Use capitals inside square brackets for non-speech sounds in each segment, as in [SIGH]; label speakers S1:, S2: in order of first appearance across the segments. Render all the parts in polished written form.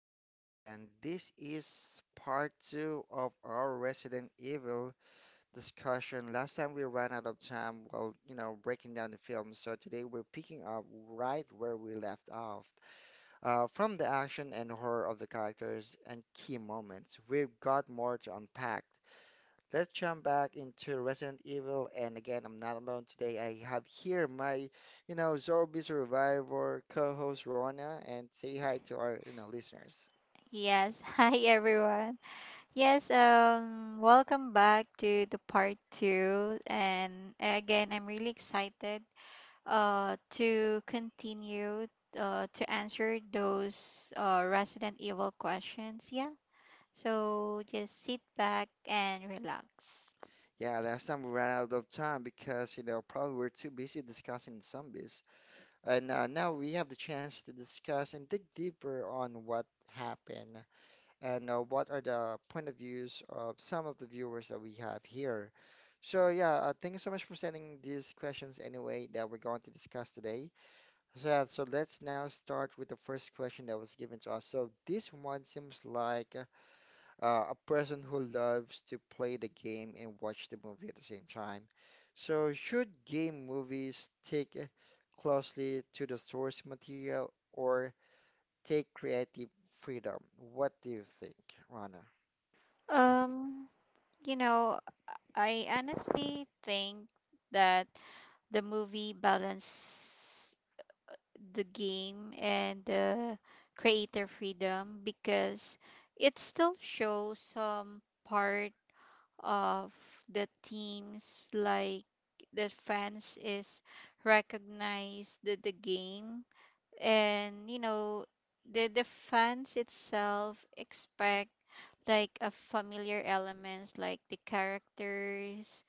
S1: Talks, and this is part two of our Resident Evil discussion. Last time we ran out of time while, breaking down the film, so today we're picking up right where we left off. From the action and horror of the characters and key moments, we've got more to unpack. Let's jump back into Resident Evil. And again, I'm not alone today. I have here my zombie survivor co-host Rona, and say hi to our listeners.
S2: Yes, [LAUGHS] hi everyone. Yes, welcome back to the part 2, and again I'm really excited uh to continue to answer those Resident Evil questions. Yeah. So just sit back and relax.
S1: Yeah, last time we ran out of time because, probably we're too busy discussing zombies. And Now we have the chance to discuss and dig deeper on what happened and what are the point of views of some of the viewers that we have here. So yeah, thank you so much for sending these questions anyway that we're going to discuss today. Yeah, so let's now start with the first question that was given to us. So this one seems like a person who loves to play the game and watch the movie at the same time. So should game movies stick closely to the source material or take creative freedom? What do you think, Rana?
S2: Um you know, I honestly think that the movie balance the game and the creator freedom, because it still shows some part of the teams. Like the fans is recognize the game, and you know the fans itself expect like a familiar elements like the characters,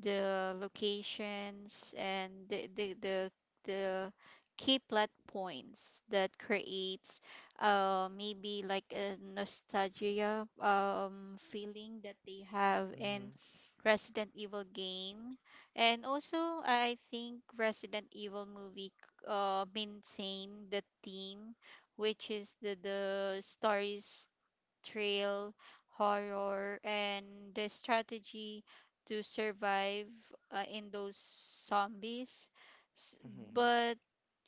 S2: the locations, and the key plot points that creates maybe like a nostalgia feeling that they have
S1: Mm-hmm.
S2: in Resident Evil game. And also I think Resident Evil movie maintain the theme, which is the stories, thrill, horror, and the strategy to survive in those zombies. S-
S1: Mm-hmm.
S2: But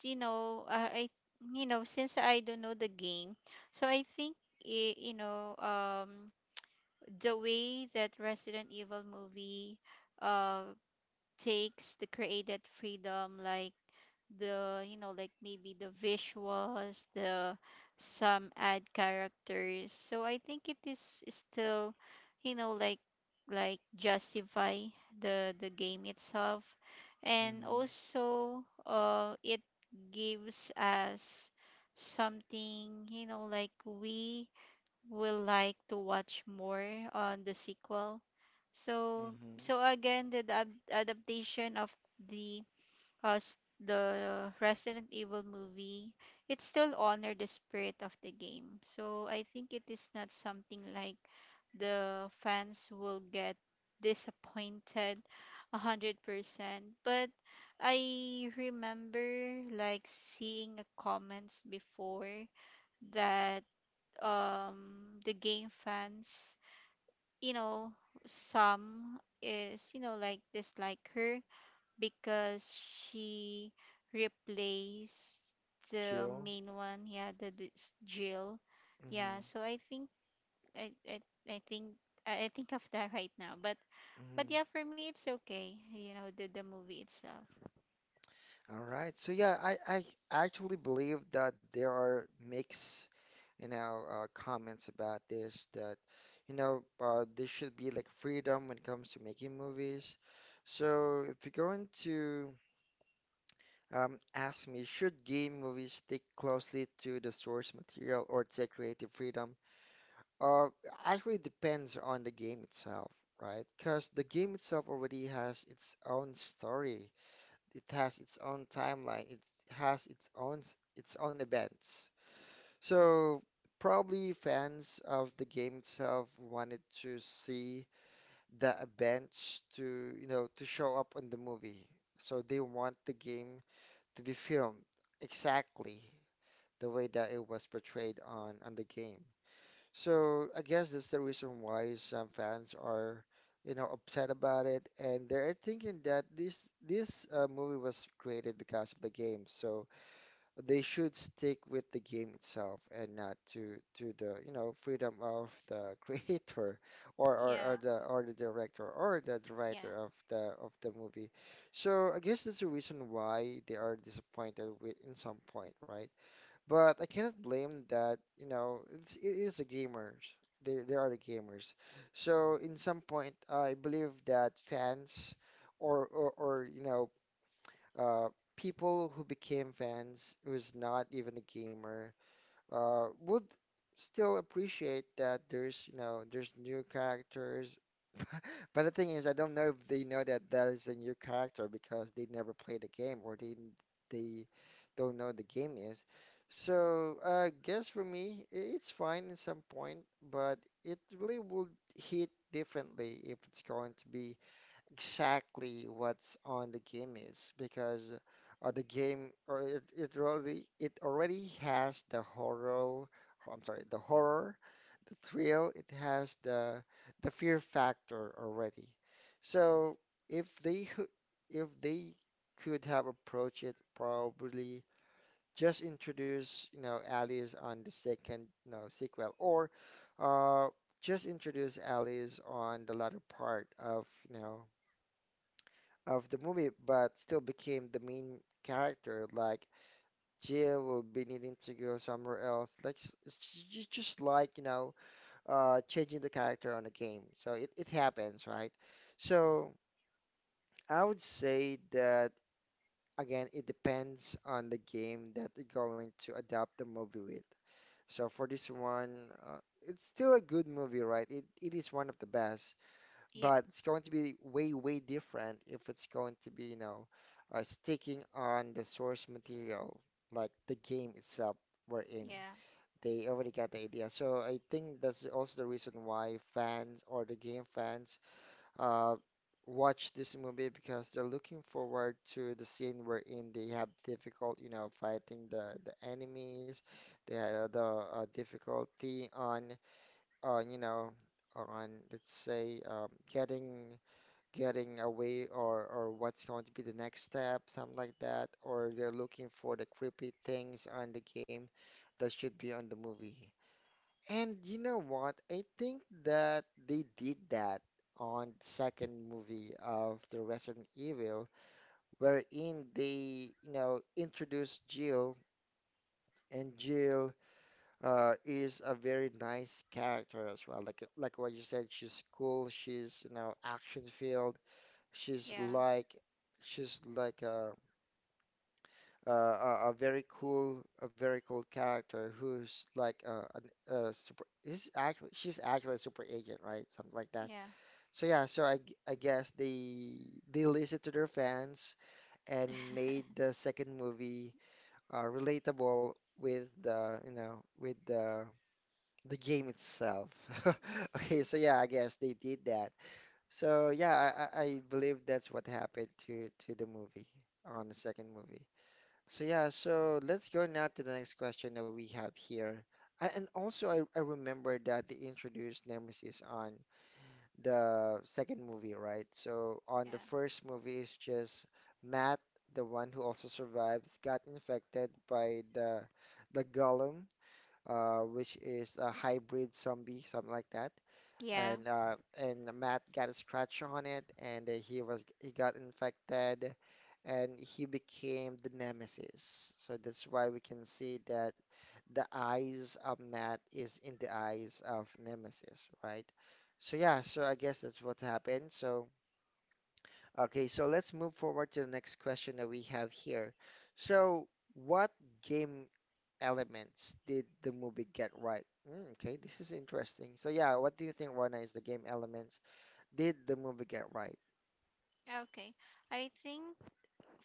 S2: you know, since I don't know the game, so I think i- you know um, the way that Resident Evil movie uh, takes the created freedom, like the you know like maybe the visuals, the some ad characters, so I think it is still you know like justify the game itself. And
S1: Mm-hmm.
S2: also it gives us something you know like we will like to watch more on the sequel. So
S1: Mm-hmm.
S2: so again the adaptation of the us the Resident Evil movie, it still honor the spirit of the game. So I think it is not something like the fans will get disappointed 100%. But I remember like seeing a comments before that the game fans, you know, some is you know like dislike her because she replaced the
S1: Jill?
S2: main one. Yeah, the Jill.
S1: Mm-hmm.
S2: Yeah, so I think I I think I think of that [LAUGHS] right now. But yeah,
S1: Mm-hmm.
S2: for me it's okay, you know, the movie itself.
S1: All right. So yeah, I actually believe that there are mixed comments about this that, there should be like freedom when it comes to making movies. So if you're going to ask me, should game movies stick closely to the source material or take creative freedom? Uh, Actually depends on the game itself, right? Because the game itself already has its own story, it has its own timeline. It has its own events. So probably fans of the game itself wanted to see the events to, you know, to show up on the movie. So they want the game to be filmed exactly the way that it was portrayed on the game. So I guess that's the reason why some fans are, you know, upset about it, and they're thinking that this movie was created because of the game, so they should stick with the game itself and not to the, you know, freedom of the [LAUGHS] creator or or, or
S2: Yeah,
S1: the or the director or the
S2: yeah,
S1: writer of the movie. So I guess that's the reason why they are disappointed with in some point, right? But I cannot blame that, you know, it's, it is the gamers. They are the gamers. So in some point, I believe that fans or uh, people who became fans who's not even a gamer, would still appreciate that there's you know there's new characters. [LAUGHS] But the thing is, I don't know if they know that that is a new character because they never played the game or they don't know the game is. So I guess for me, it's fine in some point, but it really would hit differently if it's going to be exactly what's on the game is because the game or it already has the horror, I'm sorry the horror, the thrill, it has the fear factor already. So if they hoo- if they could have approached it, probably just introduce you know Alice on the second you know sequel or uh just introduce Alice on the latter part of you know of the movie, but still became the main character. Like Jill will be needing to go somewhere else. Like just like you know, changing the character on a game. So it happens, right? So I would say that again, it depends on the game that you're going to adapt the movie with. So for this one, uh, it's still a good movie, right? It is one of the best.
S2: yeah,
S1: But it's going to be way, way different if it's going to be, you know, sticking on the source material, like the game itself we're in.
S2: yeah,
S1: They already got the idea. So I think that's also the reason why fans or the game fans uh, watch this movie because they're looking forward to the scene wherein they have difficult, you know, fighting the enemies. They had the difficulty on, you know, on, let's say, getting away or what's going to be the next step, something like that, or they're looking for the creepy things on the game that should be on the movie. And you know what? I think that they did that on second movie of the Resident Evil, wherein they, you know, introduced Jill, and Jill is a very nice character as well. Like what you said, she's cool, she's, you know, action-filled. She's
S2: yeah,
S1: like she's like a a very cool character who's like a, an a super is actually she's actually a super agent, right? Something like that.
S2: yeah.
S1: So yeah, so I guess they listened to their fans and made
S2: [LAUGHS]
S1: the second movie relatable with the you know with the game itself. [LAUGHS] Okay,
S2: Mhm.
S1: so yeah, I guess they did that. So yeah, I believe that's what happened to the movie on the second movie. So yeah, so let's go now to the next question that we have here. I, and also I remember that they introduced Nemesis on the second movie, right? So on
S2: Yeah.
S1: the first movie it's just Matt, the one who also survives, got infected by the Golem, which is a hybrid zombie, something like that.
S2: Yeah.
S1: And Matt got a scratch on it, and he was he got infected, and he became the Nemesis. So that's why we can see that the eyes of Matt is in the eyes of Nemesis, right? So yeah, so I guess that's what happened. So, okay, so let's move forward to the next question that we have here. So, what game elements did the movie get right? Mm, okay, this is interesting. So, yeah, what do you think, Rona, is the game elements did the movie get right?
S2: Okay. I think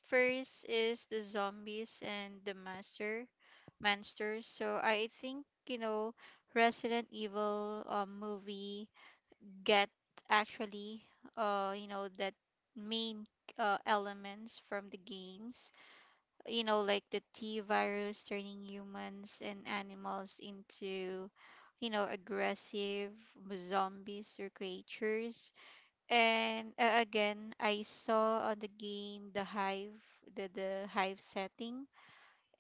S2: first is the zombies and the master monsters. So I think you know Resident Evil movie get actually you know that main elements from the games. You know like the T virus turning humans and animals into you know aggressive zombies or creatures. And again, I saw on the game the hive, the hive setting,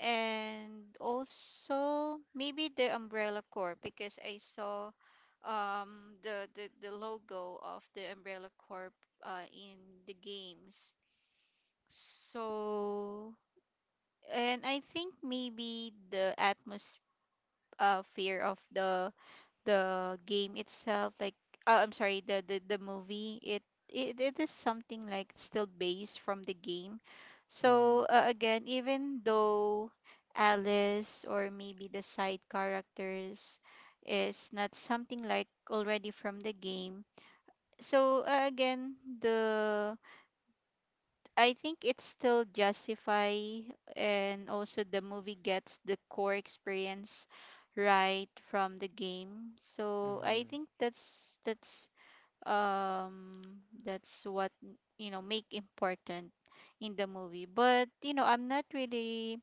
S2: and also maybe the Umbrella Corp, because I saw the logo of the Umbrella Corp in the games. So and I think maybe the atmosphere of the game itself, like I'm sorry, the movie, it it is something like still based from the game.
S1: Mm-hmm.
S2: So again, even though Alice or maybe the side characters is not something like already from the game, so again the I think it's still justify. And also, the movie gets the core experience right from the game. So I
S1: Mm-hmm.
S2: think that's what you know make important in the movie. But you know, I'm not really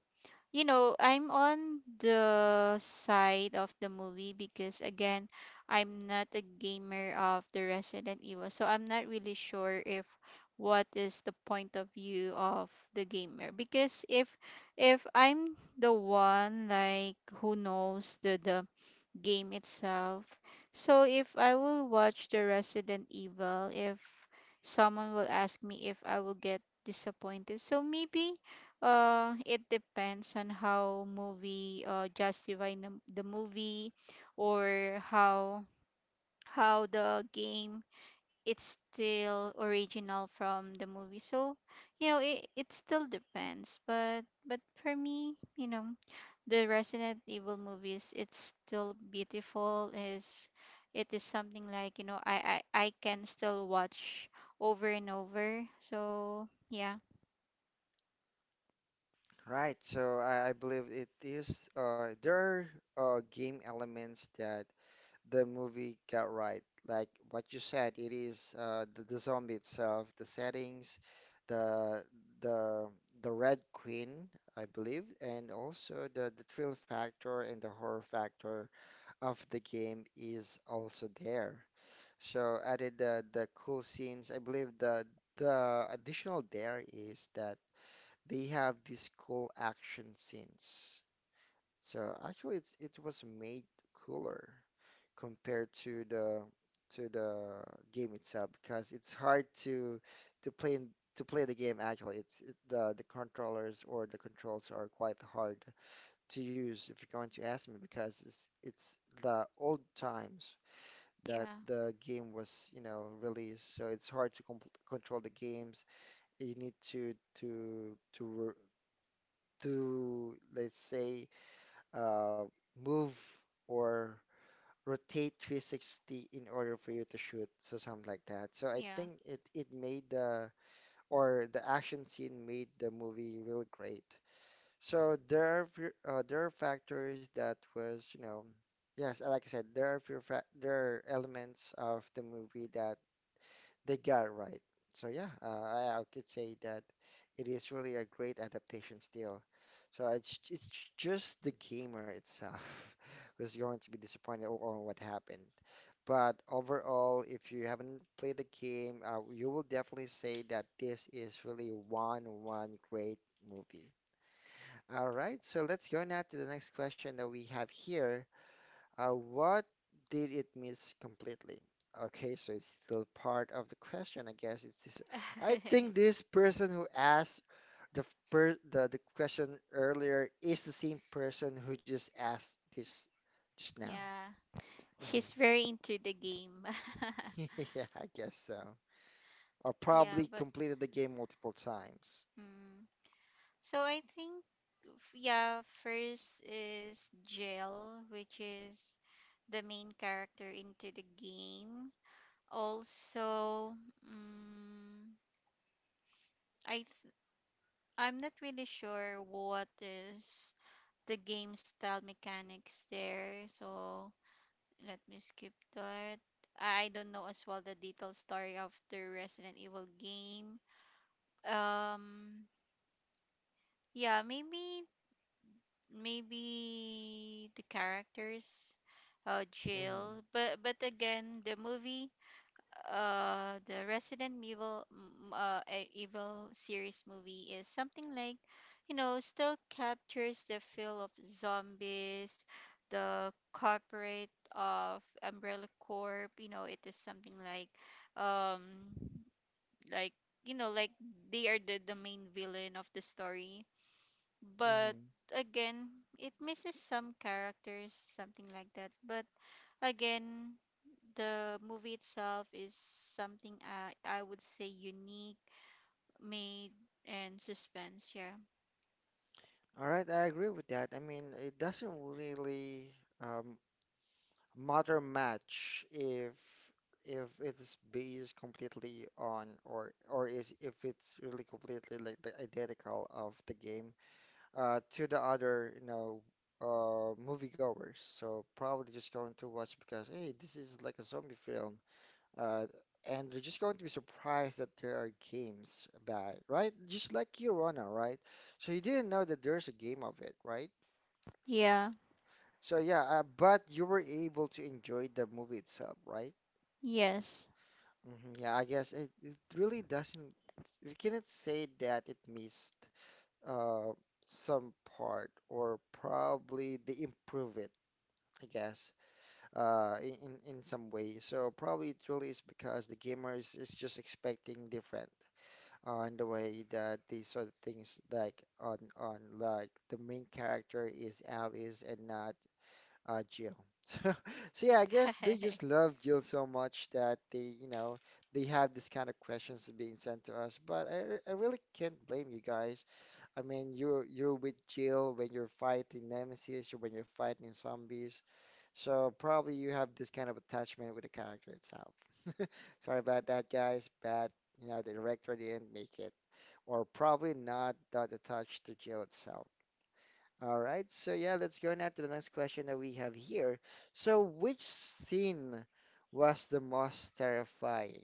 S2: you know, I'm on the side of the movie because again, I'm not a gamer of the Resident Evil, so I'm not really sure if what is the point of view of the gamer. Because if I'm the one like who knows the game itself. So if I will watch the Resident Evil, if someone will ask me if I will get disappointed, so maybe it depends on how movie justify the movie, or how the game it's still original from the movie. So, you know, it still depends. But for me, you know, the Resident Evil movies, it's still beautiful. Is it is something like you know I can still watch over and over. So yeah,
S1: Right, so I believe it is, there are game elements that the movie got right. Like what you said, it is the zombie itself, the settings, the the the Red Queen, I believe, and also the thrill factor and the horror factor of the game is also there. So added the cool scenes. I believe the additional there is that they have these cool action scenes. So actually, it's, it was made cooler compared to the game itself because it's hard to to play in- to play the game actually. It's it, the controllers or the controls are quite hard to use if you're going to ask me because it's the old times that
S2: yeah,
S1: the game was, you know, released. So it's hard to com control the games. You need to to to r- to let's say uh move or rotate 360 in order for you to shoot, so something like that. So I
S2: yeah,
S1: think it made the or the action scene made the movie really great. So there are factors that was, you know, yes, like I said, there are elements of the movie that they got right. So yeah, I could say that it is really a great adaptation still. So it's just the gamer itself [LAUGHS] was going to be disappointed on what happened. But overall, if you haven't played the game, you will definitely say that this is really one one great movie. All right, so let's go now to the next question that we have here. What did it miss completely? Okay, so it's still part of the question, I guess. It's this, I think
S2: [LAUGHS]
S1: this person who asked the the question earlier is the same person who just asked this just now.
S2: yeah.
S1: Mhm.
S2: She's very into the game. [LAUGHS]
S1: [LAUGHS] Yeah, I guess so. Or probably
S2: Yeah, but
S1: completed the game multiple times.
S2: mm, so I think yeah, first is Jill, which is the main character into the game. Also, I th- I'm not really sure what is the game style mechanics there. So let me skip that. I don't know as well the detailed story of the Resident Evil game. Um, yeah, maybe maybe the characters,
S1: Mm-hmm.
S2: Jill. But again, the movie the Resident Evil Evil series movie is something like you know still captures the feel of zombies, the corporate of Umbrella Corp. You know it is something like um like you know like they are the main villain of the story.
S1: Mm-hmm.
S2: But again, it misses some characters, something like that. But again, the movie itself is something I would say unique, made, and suspense, yeah.
S1: All right, I agree with that. I mean, it doesn't really um, matter much if it's based completely on or is if it's really completely like the identical of the game to the other you know moviegoers. So probably just going to watch because hey, this is like a zombie film. Uh, and they're just going to be surprised that there are games about it, right? Just like Kirana, right? So you didn't know that there's a game of it, right?
S2: Yeah,
S1: So yeah, but you were able to enjoy the movie itself, right?
S2: yes. [LAUGHS]
S1: Hmm, yeah, I guess it, it really doesn't. We cannot say that it missed uh, some part, or probably they improve it, I guess, in some way. So probably it really is because the gamers is just expecting different on the way that these saw the things like on like the main character is Alice and not Jill. [LAUGHS] So, so yeah, I guess they just love Jill so much that they, you know, they have this kind of questions being sent to us. But I really can't blame you guys. I mean, you're with Jill when you're fighting Nemesis or when you're fighting zombies. So probably you have this kind of attachment with the character itself. [LAUGHS] Sorry about that, guys, but you know, the director didn't make it or probably not that attached to jail itself. All right, so yeah, let's go now to the next question that we have here. So, which scene was the most terrifying?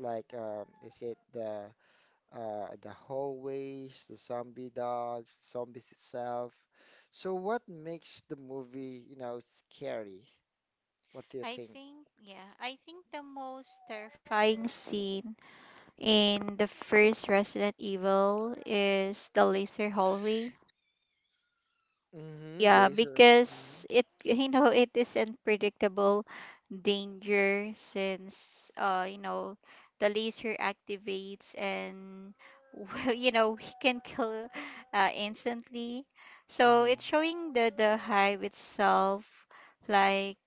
S1: Like, is it the hallways, the zombie dogs, zombies itself? So, what makes the movie, you know, scary? What do you
S2: I
S1: think?
S2: think, yeah, I think the most terrifying scene in the first Resident Evil is the laser hallway.
S1: Mm-hmm,
S2: Yeah,
S1: laser. Mm-hmm,
S2: because [LAUGHS] you know, it is unpredictable danger, since you know the laser activates and [LAUGHS] well, you know he can kill instantly. So
S1: mm-hmm,
S2: it's showing the hive itself like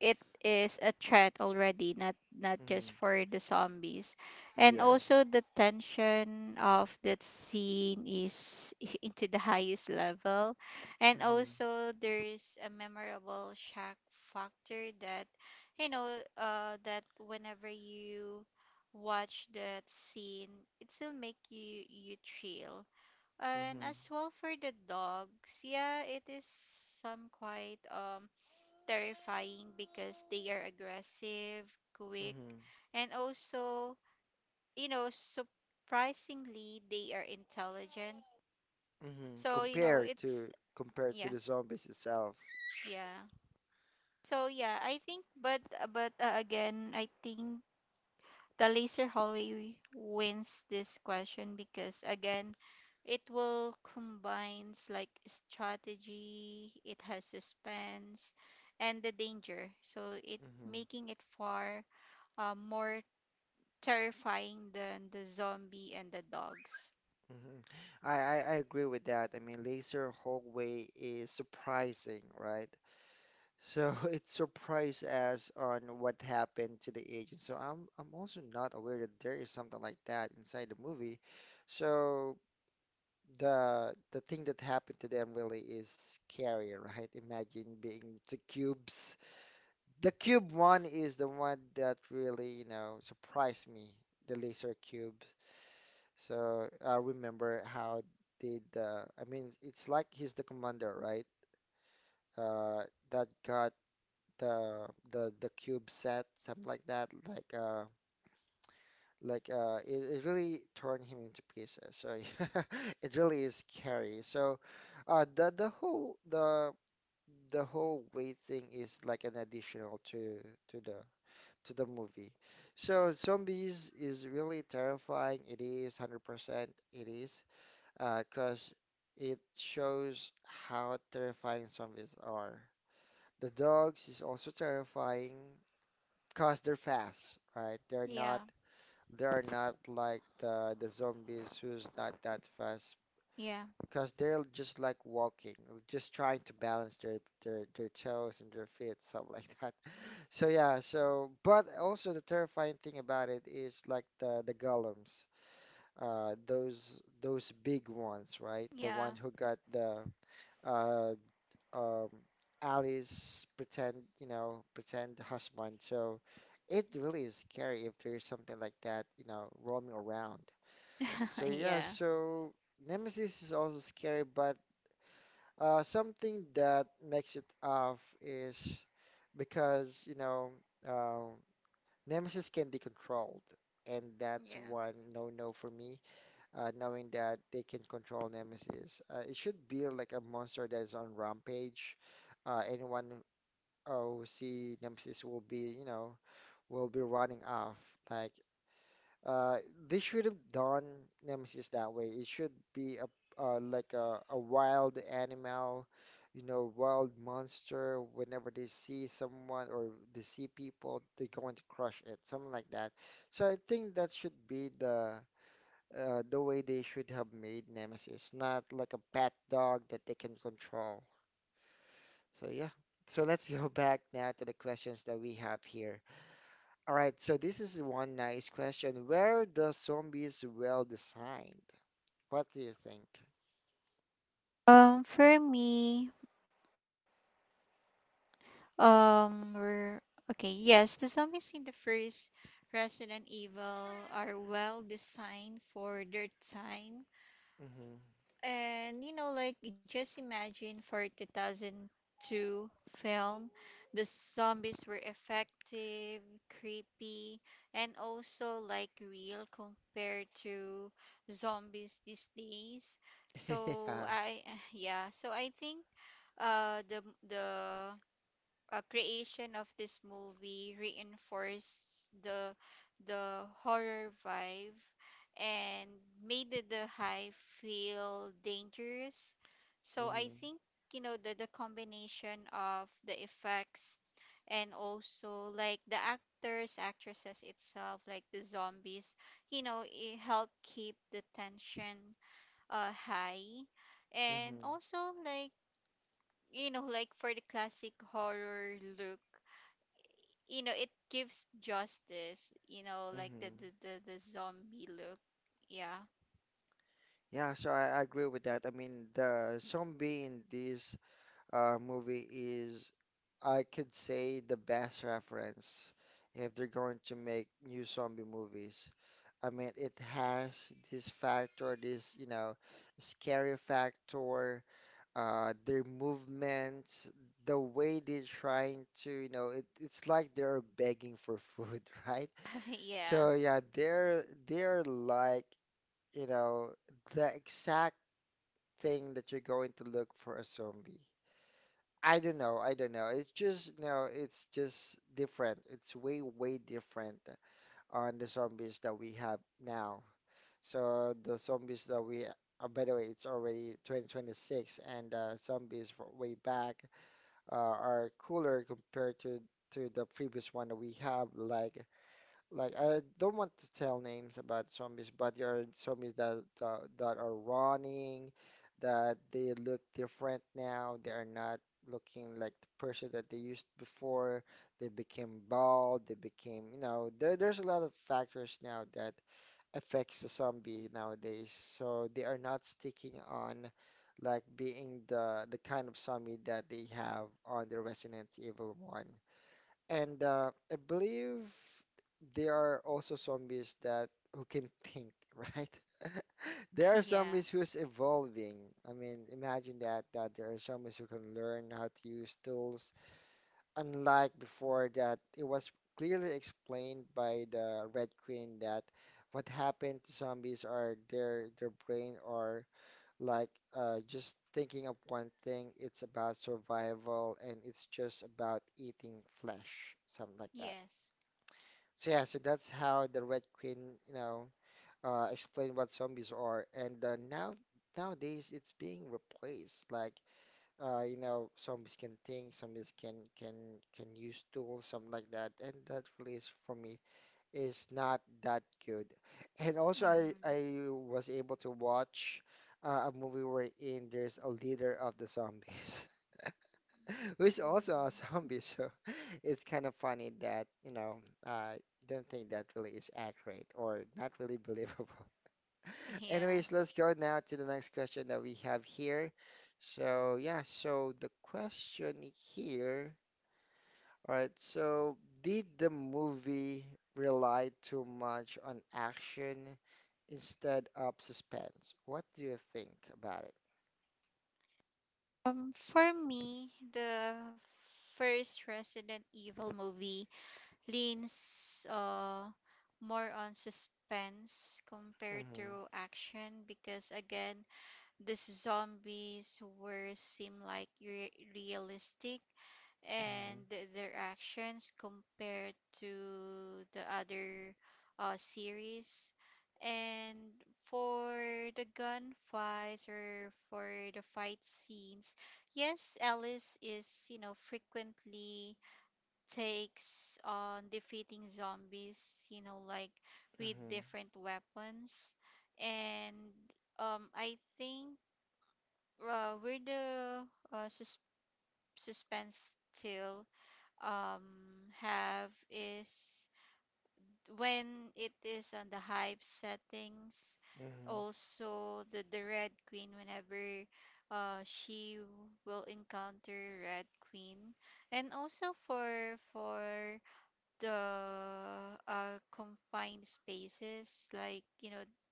S2: it is a threat already, not not just
S1: mm-hmm.
S2: for the zombies. And
S1: Yes.
S2: also the tension of that scene is [LAUGHS] into the highest level. And
S1: Mm-hmm,
S2: also there's a memorable shock factor that you know that whenever you watch that scene, it still make you chill. And
S1: mm-hmm,
S2: as well for the dogs, yeah, it is some quite terrifying because they are aggressive, quick,
S1: mm-hmm.
S2: and also, you know, surprisingly, they are intelligent.
S1: Hmm.
S2: So, you know,
S1: Compared
S2: it's
S1: to compared to
S2: yeah,
S1: the zombies itself.
S2: yeah. So, yeah, I think, but again, I think the laser hallway wins this question, because again, it will combines like strategy, it has suspense and the danger. So, it
S1: Hmm.
S2: making it far more terrifying than the zombie and the dogs.
S1: Hmm. I agree with that. I mean, Laser Hallway is surprising, right? So [LAUGHS] it surprised us on what happened to the agent. So I'm also not aware that there is something like that inside the movie. So the thing that happened to them really is scary, [LAUGHS] right? Imagine being the cubes. The cube one is the one that really, you know, surprised me, the laser cubes. So I remember how did I mean it's like he's the commander, right? Uh, that got the the cube set, something like that, like it really torn him into pieces. So [LAUGHS] it really is scary. So uh the the whole the the whole weight thing is like an additional to the to the movie. So zombies is really terrifying. It is 100% it is 'cause it shows how terrifying zombies are. The dogs is also terrifying 'cause they're fast, right? They're
S2: Yeah,
S1: not they are not like the zombies who's not that fast
S2: yeah,
S1: 'cause they're just like walking, just trying to balance their toes and their feet, something [LAUGHS] like that. So yeah, so but also the terrifying thing about it is like the golems, those big ones, right? The
S2: yeah,
S1: one who got the uh um Alice pretend, you know, pretend husband. So it really is scary if there's something like that, you know, roaming around. So
S2: [LAUGHS]
S1: yeah,
S2: yeah,
S1: so Nemesis is also scary, but something that makes it off is because, you know. Um, Nemesis can be controlled, and that's
S2: yeah.
S1: one no-no for me. Knowing that they can control Nemesis, it should be like a monster that is on rampage. Anyone who see Nemesis will be, you know, will be running off. Like uh, they should have done Nemesis that way. It should be a like a wild animal, you know, wild monster. Whenever they see someone or they see people, they're going to crush it, something like that. So I think that should be the way they should have made Nemesis, not like a pet dog that they can control. So yeah. So let's [LAUGHS] go back now to the questions that we have here. All right, so this is one nice question. Where the zombies well designed? What do you think?
S2: For me, we're okay. Yes, the zombies in the first Resident Evil are well designed for their time.
S1: Mm-hmm.
S2: And you know, like just imagine for 2002 film, the zombies were effective, creepy, and also like real compared to zombies these days.
S1: [LAUGHS] Yeah.
S2: So I [SIGHS] yeah, so I think uh the the creation of this movie reinforced the horror vibe and made the high feel dangerous.
S1: Mm-hmm.
S2: So I think you know the combination of the effects and also like the actors, actresses itself, like the zombies, you know, it helped keep the tension high.
S1: Mm-hmm.
S2: And also like you know like for the classic horror look, you know it gives justice, you know
S1: Mm-hmm.
S2: like the zombie look. Yeah,
S1: Yeah, so I agree with that. I mean, the zombie in this movie is, I could say, the best reference if they're going to make new zombie movies. I mean, it has this factor, this, you know, scary factor their movements, the way they're trying to, you know, it's like they're begging for food, [LAUGHS] right?
S2: [LAUGHS]
S1: So
S2: yeah.
S1: yeah, they're like, you know, the exact thing that you're going to look for a zombie. I don't know. It's just, you know, it's just different. It's way, way different on the zombies that we have now. So the zombies that we, by the way, it's already 2026, and zombies for way back are cooler compared to the previous one that we have. Like I don't want to tell names about zombies, but there are zombies that that are running, that they look different now. They are not looking like the person that they used before. They became bald. They became you know there's a lot of factors now that affects a zombie nowadays. So they are not sticking on like being the kind of zombie that they have on the Resident Evil 1. And I believe there are also zombies that who can think, [LAUGHS] right? [LAUGHS] There are
S2: [LAUGHS]
S1: zombies
S2: Yeah,
S1: who's evolving. I mean, imagine that there are zombies who can learn how to use tools. Unlike before that it was clearly explained by the Red Queen that what happened to zombies are their brain are like just thinking of one thing. It's about survival and it's just about eating flesh, something like that.
S2: yes.
S1: So yeah, so that's how the Red Queen, you know, explained what zombies are. And now nowadays it's being replaced like you know, some is can think, some is can use tools, something like that. And that really is for me is not that good. And also, I
S2: Mm-hmm.
S1: was able to watch a movie wherein there's a leader of the zombies, [LAUGHS] who is also a
S2: mm
S1: zombie. So [LAUGHS] it's kind of funny that you know I don't think that really is accurate or not really believable. Anyways,
S2: yeah.
S1: let's go now to the next question that we have here. So, yeah, so the question here, all right, so did the movie rely too much on action instead of suspense? What do you think about it?
S2: For me the first Resident Evil movie leans more on suspense compared
S1: Mm-hmm,
S2: to action, because again the zombies were seem like realistic.
S1: mm-hmm,
S2: And their actions compared to the other series. And for the gunfights or for the fight scenes, yes, Alice is, you know, frequently takes on defeating zombies, you know, like with
S1: mm-hmm,
S2: different weapons. And I think uh, where the uh, sus- suspense still have is when it is on the hive settings. Also the red queen, whenever she will encounter red queen. And also for the confined spaces, like you know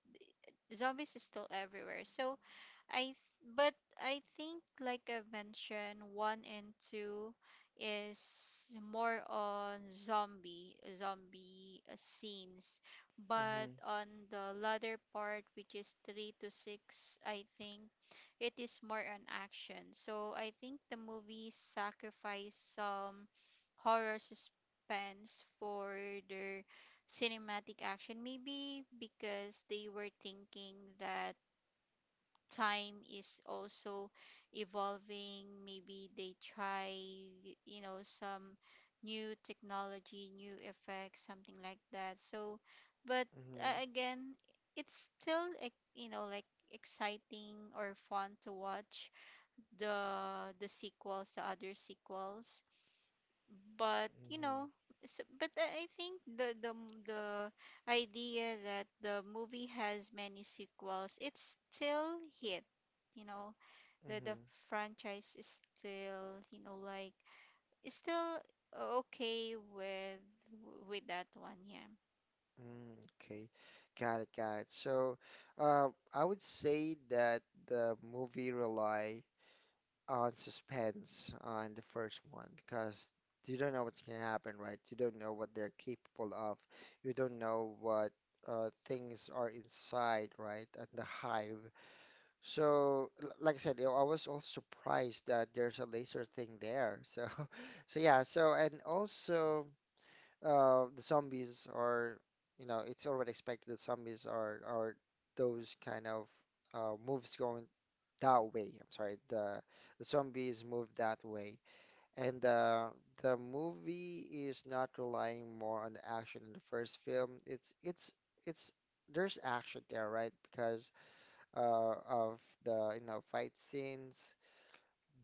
S2: zombies is still everywhere. So I th- but I think, like I've mentioned, one and two is more on zombie scenes.
S1: mm-hmm,
S2: But on the latter part, which is three to six, I think it is more on action. So I think the movie sacrificed some horror suspense for their cinematic action, maybe because they were thinking that time is also evolving. Maybe they try you know some new technology, new effects, something like that. So but
S1: mm-hmm, mm-hmm,
S2: again, it's still like, you know like exciting or fun to watch the sequels, the other sequels. But you
S1: mm-hmm,
S2: know s but I think the idea that the movie has many sequels, it's still hit, you know,
S1: mm-hmm,
S2: the franchise is still you know like is still okay with that one, yeah.
S1: mm, okay, got it, got it. So, I would say that the movie rely on suspense on the first one because you don't know what's gonna happen, right? You don't know what they're capable of. You don't know what things are inside, right? At the hive. So, like I said, you know, I was also surprised that there's a laser thing there. So, [LAUGHS] so yeah. So, and also the zombies are, you know, it's already expected that zombies are those kind of moves going that way. I'm sorry, the zombies move that way, and the movie is not relying more on the action in the first film. It's there's action there, right? Because of the you know fight scenes,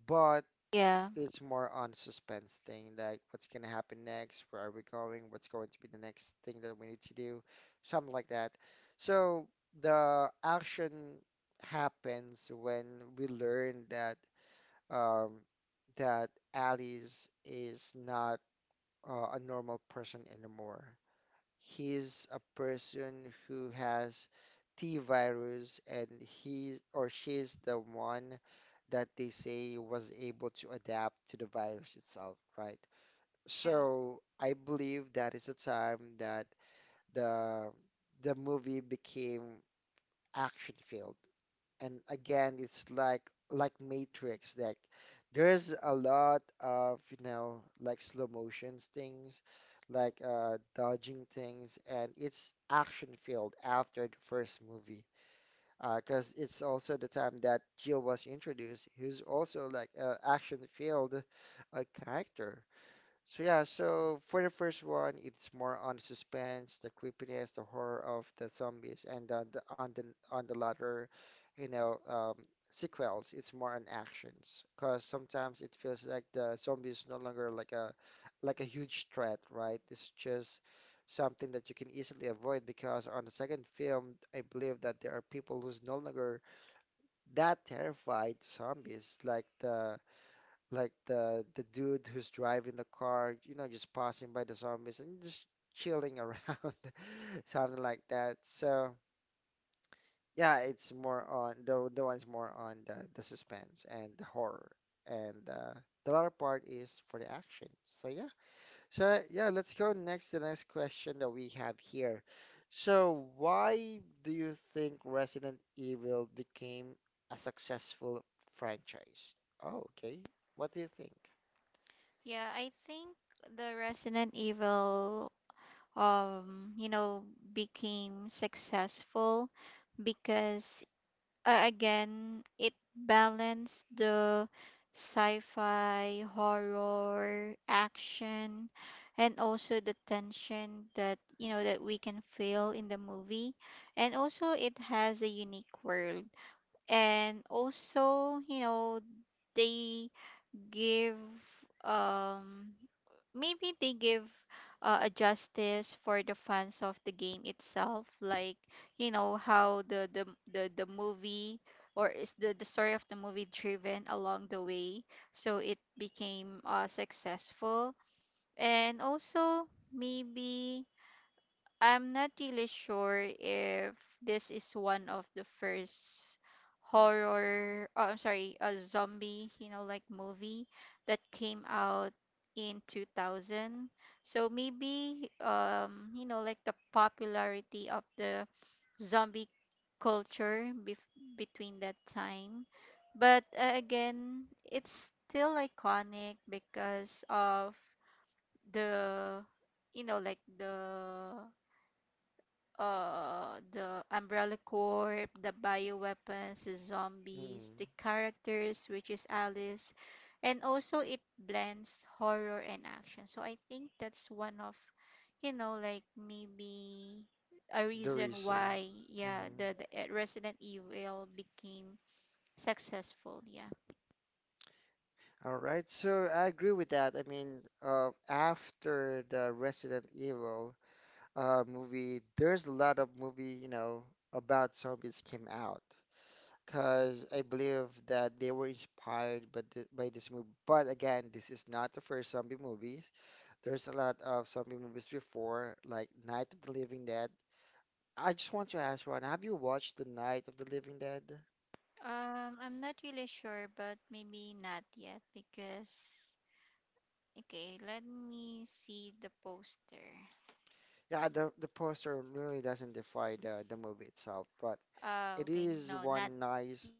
S1: but
S2: Yeah.
S1: it's more on suspense thing, like what's gonna happen next, where are we going, what's going to be the next thing that we need to do, something like that. So the action happens when we learn that um, that Alice is not a normal person anymore. He's a person who has T virus, and he or she is the one that they say was able to adapt to the virus itself, right?
S2: Yeah,
S1: So I believe that is a time that the the movie became action filled, and again it's like Matrix that there's a lot of you know like slow motions things like dodging things, and it's action filled after the first movie uh because it's also the time that Jill was introduced who's also like a action filled character. So yeah, so for the first one, it's more on the suspense, the creepiness, the horror of the zombies, and on the on the on the latter, you know, sequels, it's more on actions, because sometimes it feels like the zombie is no longer like a huge threat, right? It's just something that you can easily avoid because on the second film, I believe that there are people who's no longer that terrified zombies, like the like the dude who's driving the car, you know, just passing by the zombies and just chilling around, [LAUGHS] something like that. So yeah, it's more on the one's more on the suspense and the horror, and the other part is for the action. So yeah, so yeah, let's go next to the next question that we have here. So why do you think Resident Evil became a successful franchise? Oh, okay. What do you
S2: yeah, I think the Resident Evil you know became successful because again, it balanced the sci-fi, horror, action, and also the tension that you know that we can feel in the movie. And also, it has a unique world. And also, you know, they give um maybe they give a justice for the fans of the game itself. Like you know how the movie, or is the story of the movie driven along the way, so it became successful. And also maybe I'm not really sure if this is one of the first horror, oh, I'm sorry, a zombie, you know, like movie that came out in 2000. So maybe, you know, like the popularity of the zombie culture bef between that time. But again, it's still iconic because of the, you know, like the the Umbrella Corp, the bioweapons, the zombies, the
S1: think?
S2: characters, which is Alice, and also it blends horror and action. So I think that's one of, maybe, a
S1: The
S2: reason
S1: reason.
S2: why, yeah,
S1: Mhm.
S2: the Resident Evil became successful. Yeah.
S1: All right, so I agree with that. I mean, after the Resident Evil movie, there's a lot of movie, you know, about zombies came out because I believe that they were inspired by, th by this movie. But again, this is not the first zombie movies. There's a lot of zombie movies before, like Night of the Living Dead. I just want to ask, Ron, have you watched the Night of the Living Dead?
S2: I'm not really sure, but maybe not yet because. Okay, let me see the poster.
S1: Yeah, the poster really doesn't defy the movie itself, but
S2: Oh,
S1: it
S2: okay. No,
S1: is
S2: not
S1: one
S2: yet.
S1: nice.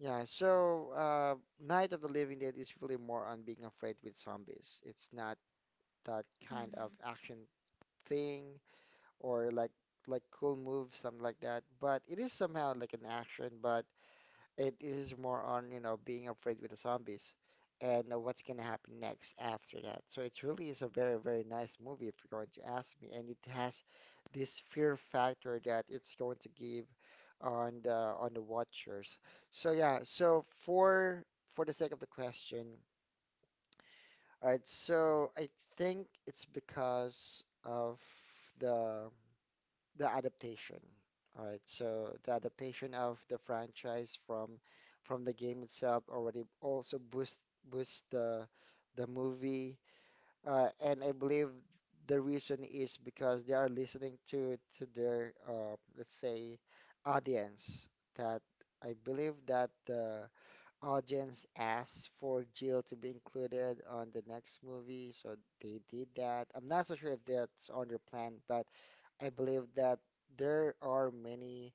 S1: Yeah, so Night of the Living Dead is really more on being afraid with zombies. It's not that
S2: Mm-hmm.
S1: kind of action thing or like cool moves, something like that. But it is somehow like an action, but it is more on, you know, being afraid with the zombies and what's going to happen next after that. So it really is a very, very nice movie if you're going to ask me. And it has this fear factor that it's going to give on the watchers. So yeah, so for the sake of the question, all right, so I think it's because of the the adaptation. All right, so the adaptation of the franchise from the game itself already also boost the movie, and I believe the reason is because they are listening to their let's say audience that I believe that the audience asked for Jill to be included on the next movie, so they did that. I'm not so sure if that's on their plan, but I believe that there are many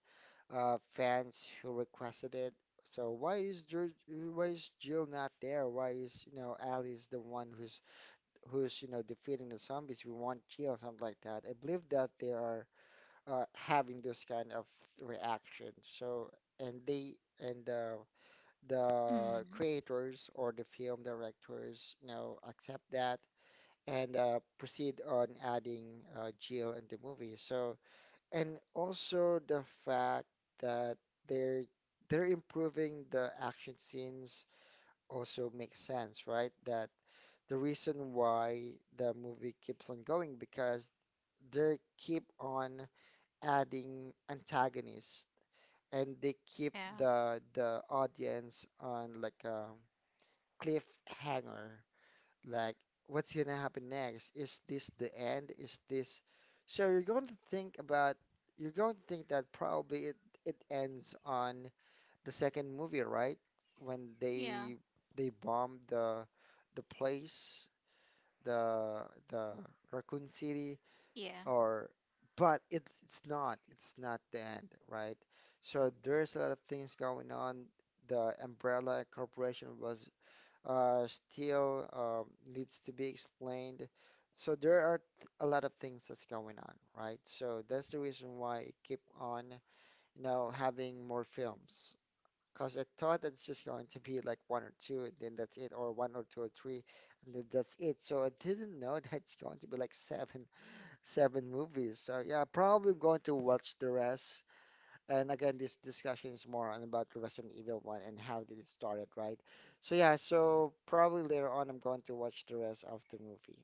S1: fans who requested it. So why is Jill not there? Why is you know Alice the one who's who's you know defeating the zombies? We want Jill, something like that. I believe that they are having those kind of reactions. So and they and the
S2: Mm-hmm.
S1: creators or the film directors you know accept that and proceed on adding Jill in the movie. So. And also the fact that they're they're improving the action scenes also makes sense, right? That the reason why the movie keeps on going because they keep on adding antagonists and they keep
S2: Yeah.
S1: the audience on like a cliffhanger like what's gonna happen next? Is this the end? Is this so you're going to think about you're going to think that probably it ends on the second movie, right? When
S2: Yeah.
S1: they bomb the place, the Raccoon City
S2: Yeah.
S1: or but it's not the end, right? So there's a lot of things going on. The Umbrella Corporation was still needs to be explained. So there are a lot of things that's going on, right? So that's the reason why I keep on, you know, having more films. Because I thought that it's just going to be like one or two, and then that's it, or one or two or three, and then that's it. So I didn't know [LAUGHS] that it's going to be like seven, [LAUGHS] seven movies. So yeah, probably going to watch the rest and again, this discussion is more on about the Resident Evil one and how did it started, right? So yeah, so probably later on I'm going to watch the rest of the movie.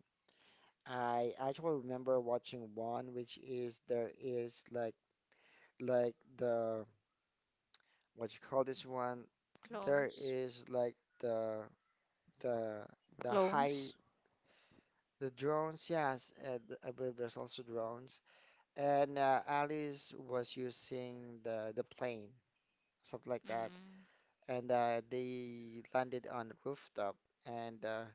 S1: I actually remember watching one, which is there is like the what you call this one? There
S2: Clones.
S1: is like the the high
S2: Clones.
S1: the drones, yes, and I believe there's also drones. And Alice was using the plane, something like that.
S2: Mm.
S1: And they landed on the rooftop. And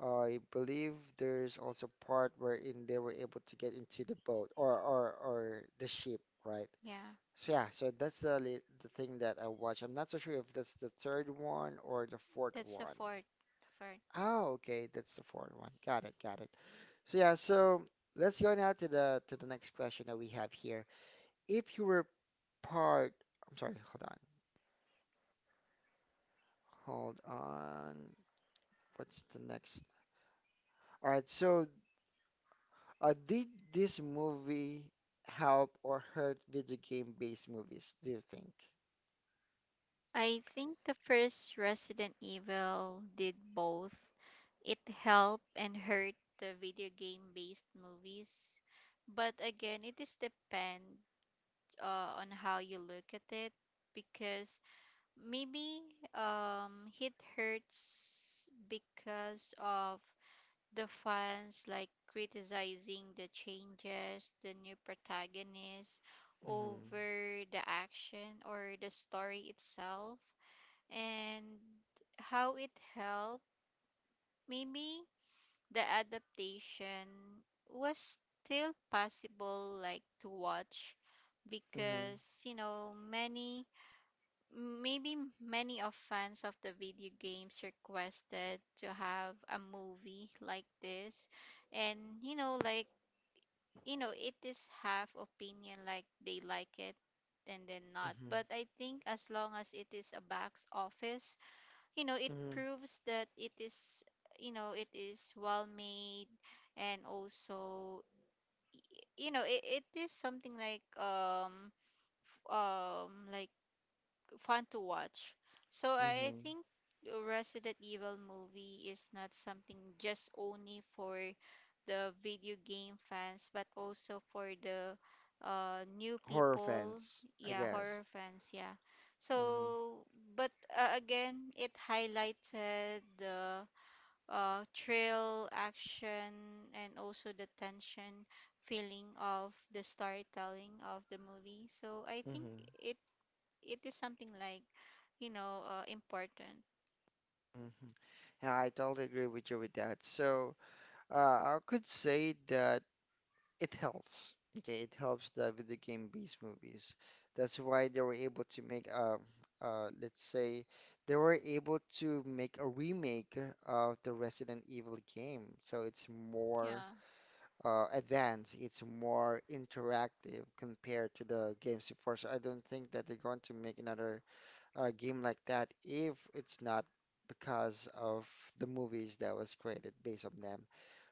S1: I believe there's also part wherein they were able to get into the boat or the ship, right?
S2: Yeah.
S1: So yeah, so that's the thing that I watched. I'm not so sure if that's the third one or the fourth
S2: That's the
S1: one.
S2: fourth. Fourth.
S1: Oh, okay, that's the fourth one. Got it, got it. So yeah, so let's go now to the next question that we have here. If you were part, I'm sorry, hold on, hold on. What's the next? All right, so did this movie help or hurt video game-based movies, do you think?
S2: I think the first Resident Evil did both. It helped and hurt the video game based movies. But again, it is depend on how you look at it because maybe it hurts because of the fans like criticizing the changes, the new protagonist
S1: Mm-hmm.
S2: over the action or the story itself and how it helped maybe the adaptation was still possible like to watch
S1: Mm-hmm.
S2: because you know many. Maybe many of fans of the video games requested to have a movie like this. And you know, it is half opinion like they like it and then not.
S1: Mm-hmm.
S2: But I think as long as it is a box office, you know, it
S1: Mm-hmm.
S2: proves that it is, you know, it is well made, and also you know it is something like like fun to watch. So
S1: Mm-hmm.
S2: I think Resident Evil movie is not something just only for the video game fans, but also for the new
S1: Horror
S2: people,
S1: fans, I
S2: yeah,
S1: guess.
S2: horror fans, yeah.
S1: Mm-hmm.
S2: So, but again, it highlighted the thrill, action, and also the tension feeling of the storytelling of the movie. So I think
S1: Mm-hmm.
S2: it it is something like you know important.
S1: Mm-hmm. Yeah, I totally agree with you with that. So, uh, I could say that it helps. Okay, it helps the video game-based movies. That's why they were able to make a, let's say, they were able to make a remake of the Resident Evil game. So it's more
S2: Yeah,
S1: advanced, it's more interactive compared to the games before. So I don't think that they're going to make another game like that if it's not because of the movies that was created based on them.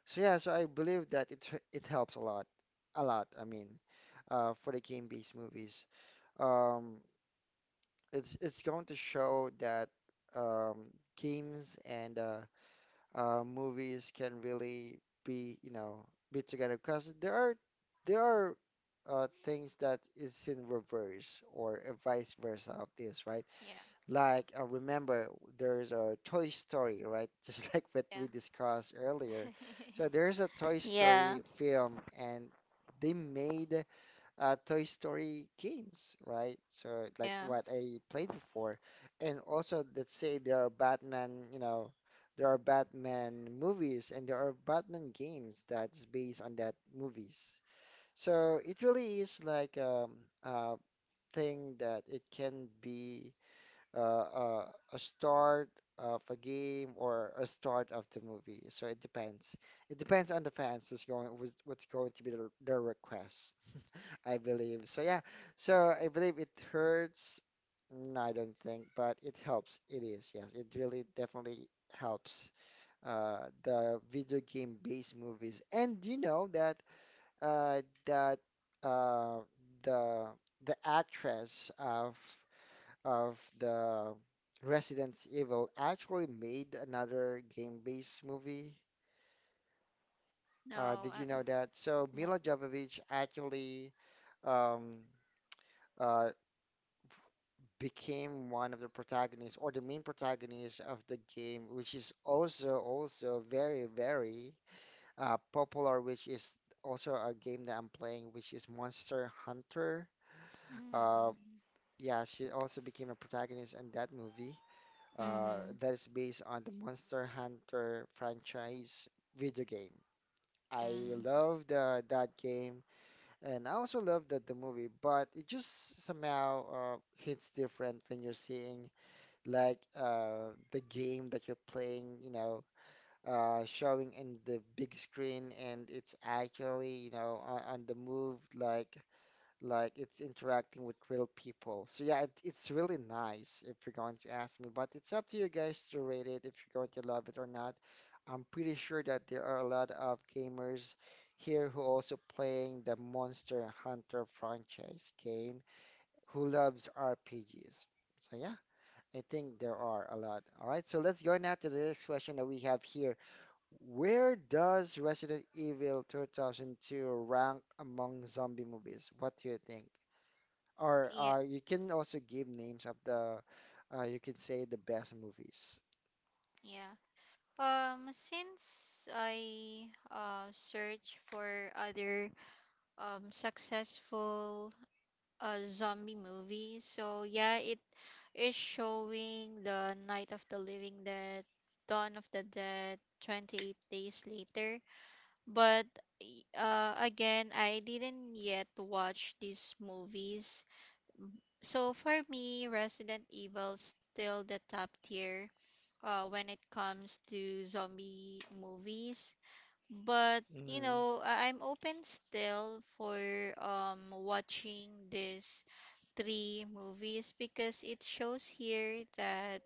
S1: So yeah, so I believe that it it helps a lot, a lot. I mean, for the game-based movies, um, it's going to show that um, games and movies can really be, you know, be together because there are things that is in reverse or vice versa of this, right?
S2: yeah,
S1: Like, I remember there's a Toy Story, right? [LAUGHS] Just like what we
S2: yeah,
S1: discussed earlier. So
S2: [LAUGHS]
S1: there's a Toy
S2: Yeah.
S1: Story film, and they made Toy Story games, right? So like
S2: Yeah.
S1: what I played before, and also let's say there are Batman, you know, there are Batman movies and there are Batman games that's based on that movies. So it really is like a thing that it can be uh, uh, a start of a game or a start of the movie. So it depends. It depends on the fans who's going who's, what's going to be their request, I believe. So yeah, so I believe it hurts. No, I don't think, but it helps. It is, yes. It really definitely helps the video game based movies. And you know that uh, that uh, the the actress of the Resident Evil actually made another game-based movie.
S2: No,
S1: Did
S2: I,
S1: you know
S2: i
S1: that? So
S2: no.
S1: Mila Jovovich actually um, uh, became one of the protagonists or the main protagonist of the game, which is also also very very popular. Which is also a game that I'm playing, which is Monster Hunter. Uh,
S2: Mm,
S1: yeah, she also became a protagonist in that movie.
S2: mm,
S1: That is based on the Monster Hunter franchise video game. I
S2: mm.
S1: love the that game, and I also love that the movie, but it just somehow hits different when you're seeing like the game that you're playing, you know, showing in the big screen, and it's actually, you know, on the move, like it's interacting with real people. So yeah, it, it's really nice if you're going to ask me, but it's up to you guys to rate it if you're going to love it or not. I'm pretty sure that there are a lot of gamers here who also playing the Monster Hunter franchise game who loves RPGs. So yeah, I think there are a lot. All right, so let's go now to the next question that we have here. Where does Resident Evil 2002 rank among zombie movies? What do you think? Or
S2: Yeah,
S1: you can also give names of the, you can say the best movies.
S2: yeah. Since I search for other successful zombie movies, so yeah, it is showing the Night of the Living Dead, Dawn of the Dead, 28 Days Later. But again, I didn't yet watch these movies. So for me, Resident Evil still the top tier when it comes to zombie movies. But you
S1: Mm-hmm.
S2: know, I'm open still for watching these three movies because it shows here that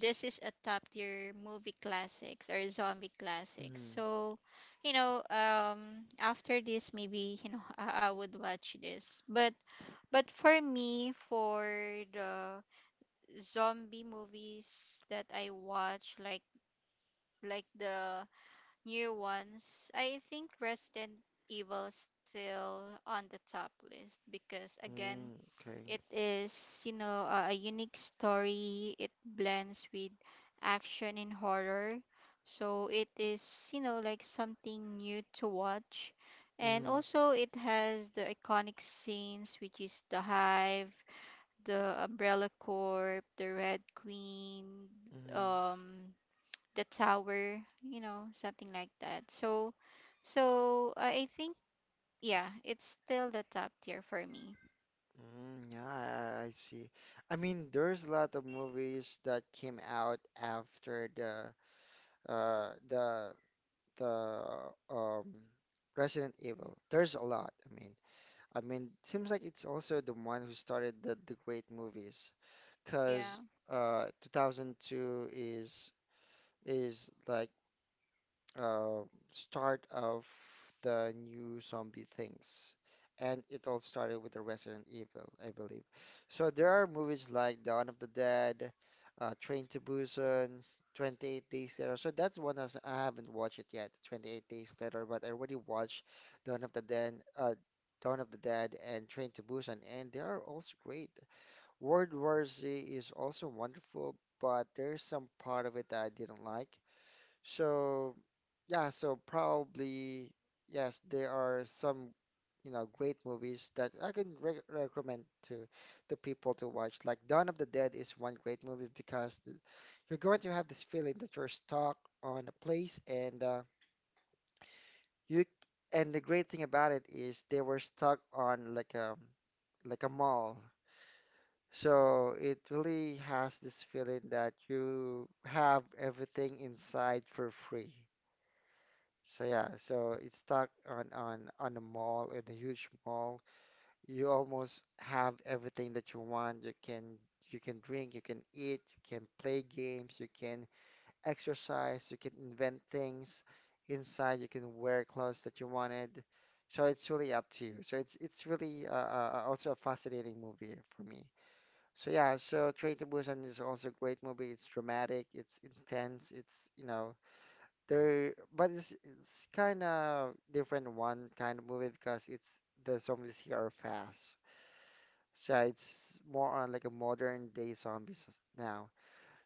S2: this is a top tier movie classics or zombie classics.
S1: Mm-hmm.
S2: So, you know, after this, maybe you know, [LAUGHS] I would watch this. But for me, for the zombie movies that I watch, like the new ones, I think Resident Evil still on the top list because again
S1: Mm, okay.
S2: it is, you know, a unique story. It blends with action and horror. So it is, you know, like something new to watch. And
S1: Mm-hmm.
S2: also it has the iconic scenes, which is the Hive, the Umbrella Corp, the Red Queen,
S1: Mm-hmm.
S2: um, the Tower, you know, something like that. So, so I think, yeah, it's still the top tier for me.
S1: Mm, yeah, I see. I mean, there's a lot of movies that came out after uh the the um Resident Evil. There's a lot. I mean, seems like it's also the one who started the great movies,
S2: Yeah.
S1: 'cause uh 2002 is like uh, start of the new zombie things. And it all started with the Resident Evil, I believe. So there are movies like Dawn of the Dead, Train to Busan, 28 Days Later. So that's one as I haven't watched it yet, 28 Days Later, but I already watched Dawn of the Dead, Dawn of the Dead and Train to Busan, and they are also great. World War Z is also wonderful, but there's some part of it that I didn't like. So, yeah, so probably, yes, there are some, you know, great movies that I can re recommend to people to watch. Like Dawn of the Dead is one great movie because you're going to have this feeling that you're stuck on a place and you and the great thing about it is they were stuck on like a mall. So it really has this feeling that you have everything inside for free. So yeah, so it's stuck on a mall, in a huge mall. You almost have everything that you want. You can drink, you can eat, you can play games, you can exercise, you can invent things inside, you can wear clothes that you wanted. So it's really up to you. So it's really also a fascinating movie for me. So yeah, so Train to Busan is also a great movie. It's dramatic, it's intense, it's there, but it's kind of different one kind of movie because it's the zombies here are fast. So yeah, it's more on like a modern day zombies now.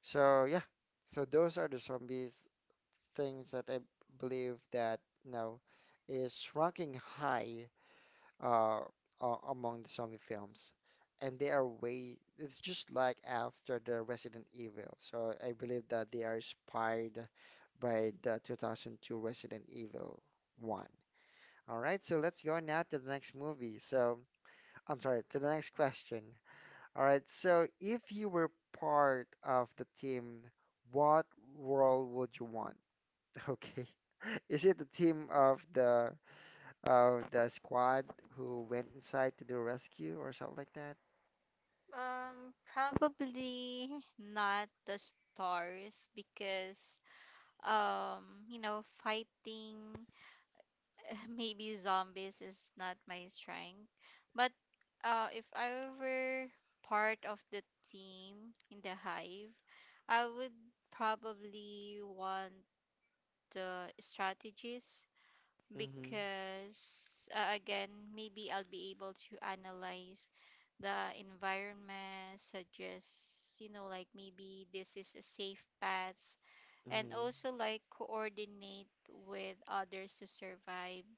S1: So yeah, so those are the zombies things that I believe that is ranking high uh, among the zombie films, and they are way. It's just like after the Resident Evil. So I believe that they are inspired by the 2002 Resident Evil 1. All right, so let's go now to the next movie. I'm sorry, to the next question. All right, so if you were part of the team, what role would you want? [LAUGHS] Okay. Is it the team of the squad who went inside to do rescue or something like that?
S2: Probably not the stars because you know, fighting [LAUGHS] maybe zombies is not my strength. But if I were part of the team in the hive, I would probably want the strategist
S1: Mm-hmm.
S2: because again, maybe I'll be able to analyze the environment, suggest, you know, like maybe this is a safe path, and
S1: Mm-hmm.
S2: also like coordinate with others to survive,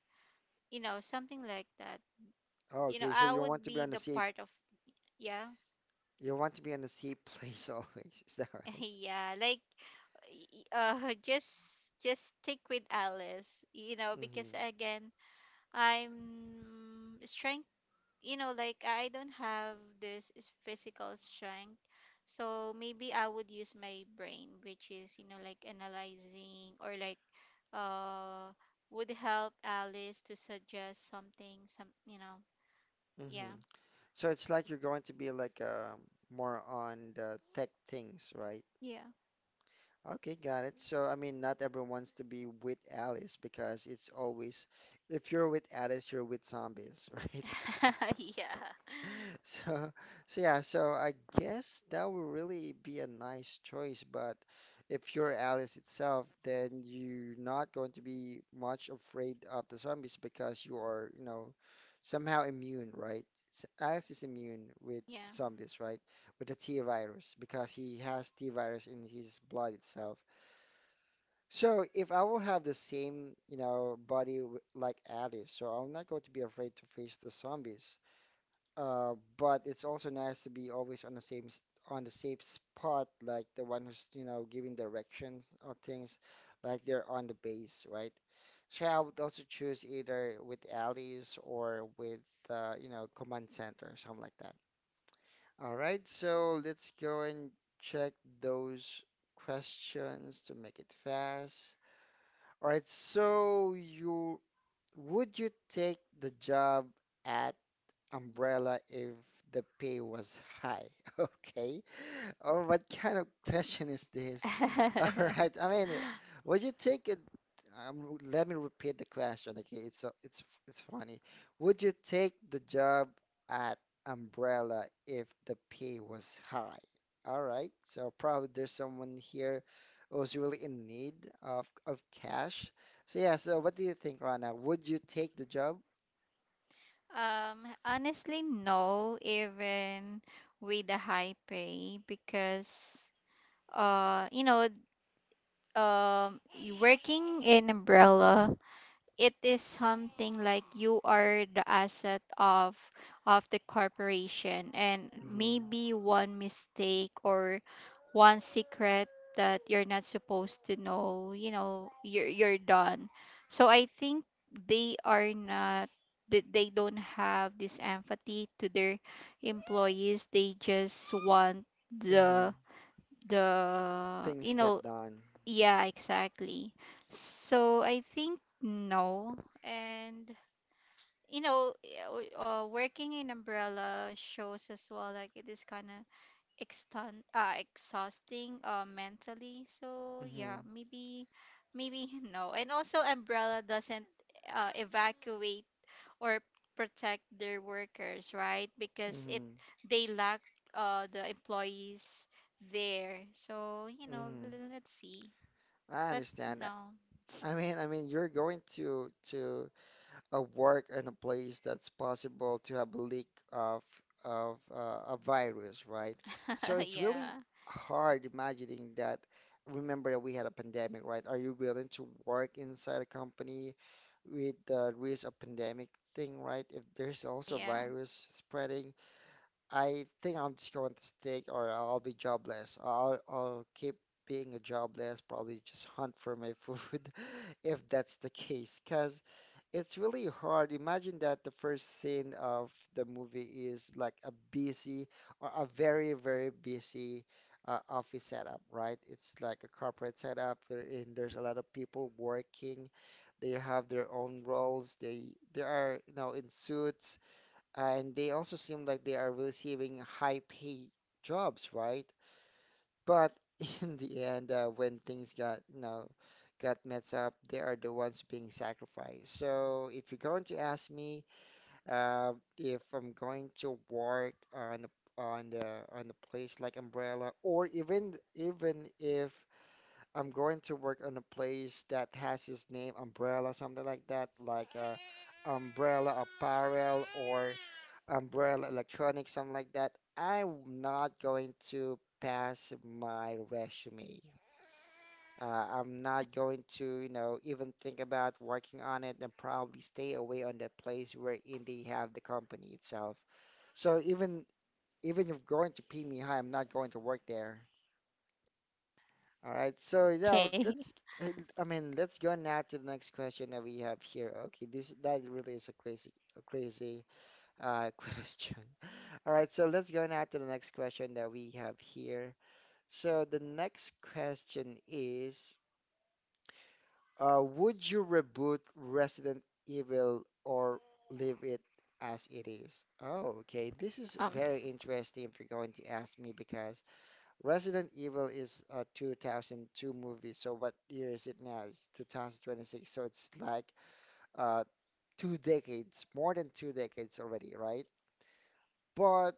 S2: you know, something like that.
S1: Oh,
S2: You
S1: okay,
S2: know,
S1: so
S2: I would be the part of, yeah,
S1: you want to be on the safe place [LAUGHS] always. Is that right?
S2: [LAUGHS] yeah, like y- uh [LAUGHS] just just stick with Alice, you know,
S1: Mm-hmm.
S2: because again, I'm trying, you know, like I don't have this is physical strength. So maybe I would use my brain, which is, you know, like analyzing or like uh would help Alice to suggest something, some, you know,
S1: Mm-hmm.
S2: yeah.
S1: So it's like you're going to be like more on the tech things, right?
S2: Yeah.
S1: Okay, got it. So I mean, not everyone's to be with Alice because it's always if you're with Alice, you're with zombies, [LAUGHS] right?
S2: [LAUGHS] Yeah.
S1: [LAUGHS] So, so yeah, so I guess that would really be a nice choice, but if you're Alice itself, then you're not going to be much afraid of the zombies because you are, you know, somehow immune, right? Alice is immune with zombies, right? With the T virus because he has T virus in his blood itself. So if I will have the same, you know, body like Alice, so I'm not going to be afraid to face the zombies. But it's also nice to be always on the on the safe spot, like the one who's, you know, giving directions or things, like they're on the base, right? So I would also choose either with allies or with, you know, command center or something like that. All right, so let's go and check those questions to make it fast. All right, so you would you take the job at umbrella if the pay was high. [LAUGHS] Okay. Or what kind of question is this? [LAUGHS] All
S2: Yeah.
S1: right.
S2: [LAUGHS]
S1: I mean, would you take it? Let me repeat the question. Okay, it's so it's funny. Would you take the job at Umbrella if the pay was high? All right. So probably there's someone here who's really in need of cash. So yeah. So what do you think, Rana? Would you take the job?
S2: Honestly, no, even with the high pay, because you know, working in umbrella, it is something like you are the asset of the corporation, and
S1: Mm-hmm.
S2: maybe one mistake or one secret that you're not supposed to know, you know, you're done. So I think they are not, they don't have this empathy to their employees. They just want
S1: Mm-hmm.
S2: the the,
S1: Things
S2: you
S1: get
S2: know,
S1: done.
S2: yeah, exactly. So I think no. And you know, working in umbrella shows as well like it is kind of extun exhausting mentally. So yeah,
S1: Hmm.
S2: maybe maybe [LAUGHS] no. And also umbrella doesn't evacuate or protect their workers, right? Because it
S1: Hmm.
S2: they lack the employees there. So, you know,
S1: Hmm.
S2: let's see.
S1: I
S2: But
S1: understand that.
S2: no.
S1: I mean, you're going to work in a place that's possible to have a leak of a virus, right? So
S2: [LAUGHS]
S1: it's really
S2: Yeah.
S1: hard imagining that. Remember that we had a pandemic, right? Are you willing to work inside a company with the risk of pandemic thing, right? If there's also
S2: Yeah.
S1: virus spreading, I think I'm just going to stick or I'll be jobless. I'll keep being a jobless, probably just hunt for my food [LAUGHS] if that's the case. Cause it's really hard. Imagine that the first scene of the movie is like a busy or a very, very busy office setup, right? It's like a corporate setup wherein there's a lot of people working. They have their own roles. They are, you know, in suits and they also seem like they are receiving high pay jobs, right? But [LAUGHS] in the end, when things got, you know, got messed up, they are the ones being sacrificed. So if you're going to ask me, if I'm going to work on a- on the on a place like Umbrella, or even even if I'm going to work on a place that has his name Umbrella, something like that, like Umbrella Apparel or Umbrella Electronics, something like that, I'm not going to pass my resume. I'm not going to, you know, even think about working on it and probably stay away on that place wherein they have the company itself. So even even if going to pay me high, I'm not going to work there. All right. So now
S2: Okay.
S1: let's. Uh, I mean, let's go now to the next question that we have here. Okay, this that really is a crazy [LAUGHS] question. All right, so let's go now to the next question that we have here. So the next question is, would you reboot Resident Evil or leave it as it is? Oh, okay. This is
S2: Um
S1: very interesting if you're going to ask me because Resident Evil is a 2002 movie. So what year is it now? It's 2026. So it's like uh, two decades, more than two decades already, right? But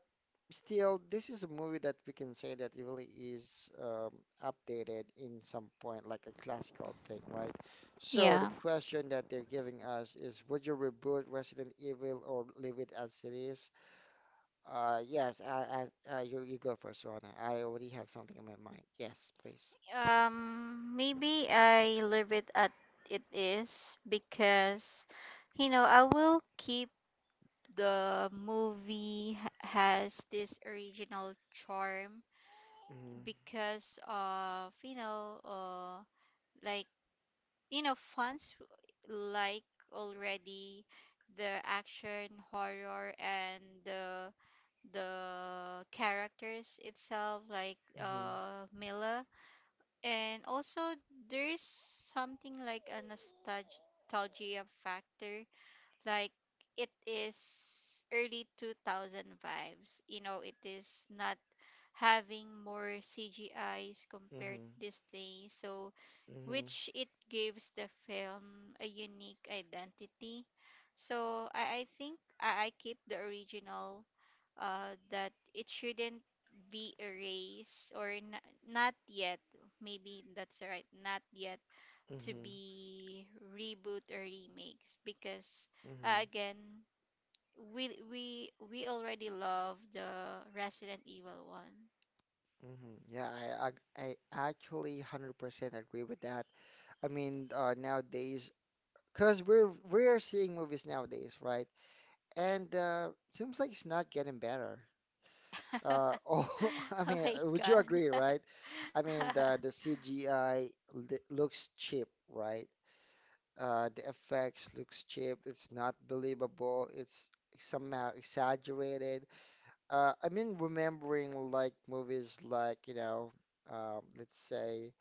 S1: still, this is a movie that we can say that it really is updated in some point, like a classical thing, right? So the
S2: yeah.
S1: question that they're giving us is, would you reboot Resident Evil or leave it as it is? Yes, you go first, Rona. I already have something in my mind. Yes, please.
S2: Maybe I leave it at it is because you know, I will keep the movie has this original charm
S1: Mm-hmm,
S2: because of, you know, like you know, fans like already the action, horror and the characters itself like
S1: mm-hmm,
S2: Mila, and also there's something like a nostalgia factor, like it is early 2000 vibes, you know it is not having more CGIs compared
S1: mm-hmm,
S2: these days, so which it gives the film a unique identity. So I think I keep the original, that it shouldn't be erased or not yet, maybe that's right, not yet
S1: mm-hmm,
S2: to
S1: mm-hmm,
S2: be reboot or remakes, because
S1: mm-hmm,
S2: again we already love the Resident Evil one.
S1: mm-hmm. Yeah, I, I, I actually 100% agree with that. I mean, nowadays, because we're seeing movies nowadays, right? And seems like it's not getting better. [LAUGHS]
S2: [LAUGHS]
S1: Oh, I
S2: Oh
S1: mean,
S2: my
S1: would you
S2: god.
S1: agree,
S2: [LAUGHS]
S1: right? I mean, the CGI looks cheap, right? The effects looks cheap. It's not believable. It's somehow exaggerated. I mean, remembering like movies like, you know, let's say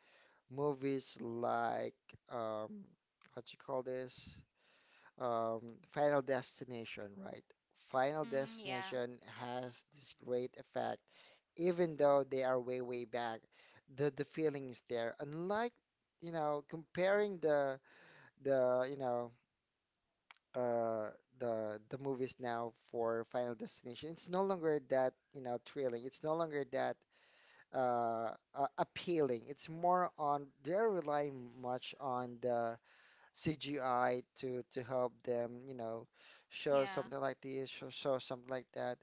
S1: movies like um, what you call this? Final Destination, right? Final
S2: Mm, yeah.
S1: Destination has this great effect, even though they are way, way back, the feeling is there. Unlike, you know, comparing the you know uh the movies now for Final Destination, it's no longer that you know thrilling. It's no longer that appealing. It's more on they're relying much on the CGI to help them, you know, show
S2: Yeah.
S1: something like this, show something like that.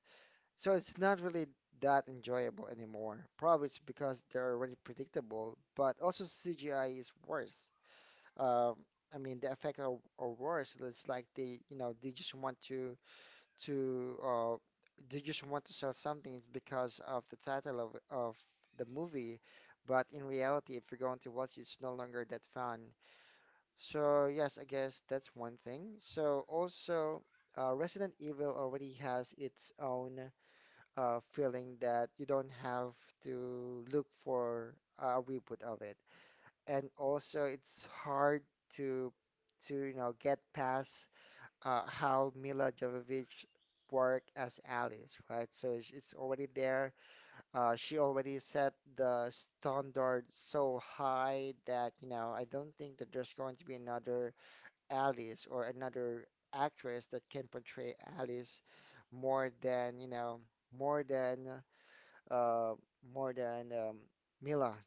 S1: So it's not really that enjoyable anymore. Probably it's because they're already predictable, but also CGI is worse. Um, I mean, are worse. It's like they, you know, they just want to they just want to sell something because of the title of the movie. But in reality, if you're going to watch, it's no longer that fun. So yes, I guess that's one thing. So also, Resident Evil already has its own feeling that you don't have to look for a reboot of it, and also it's hard to to get past how Mila Jovovich worked as Alice, right? So it's already there. She already set the standard so high that you know I don't think that there's going to be another Alice or another actress that can portray Alice more than, you know, more than uh more than Mila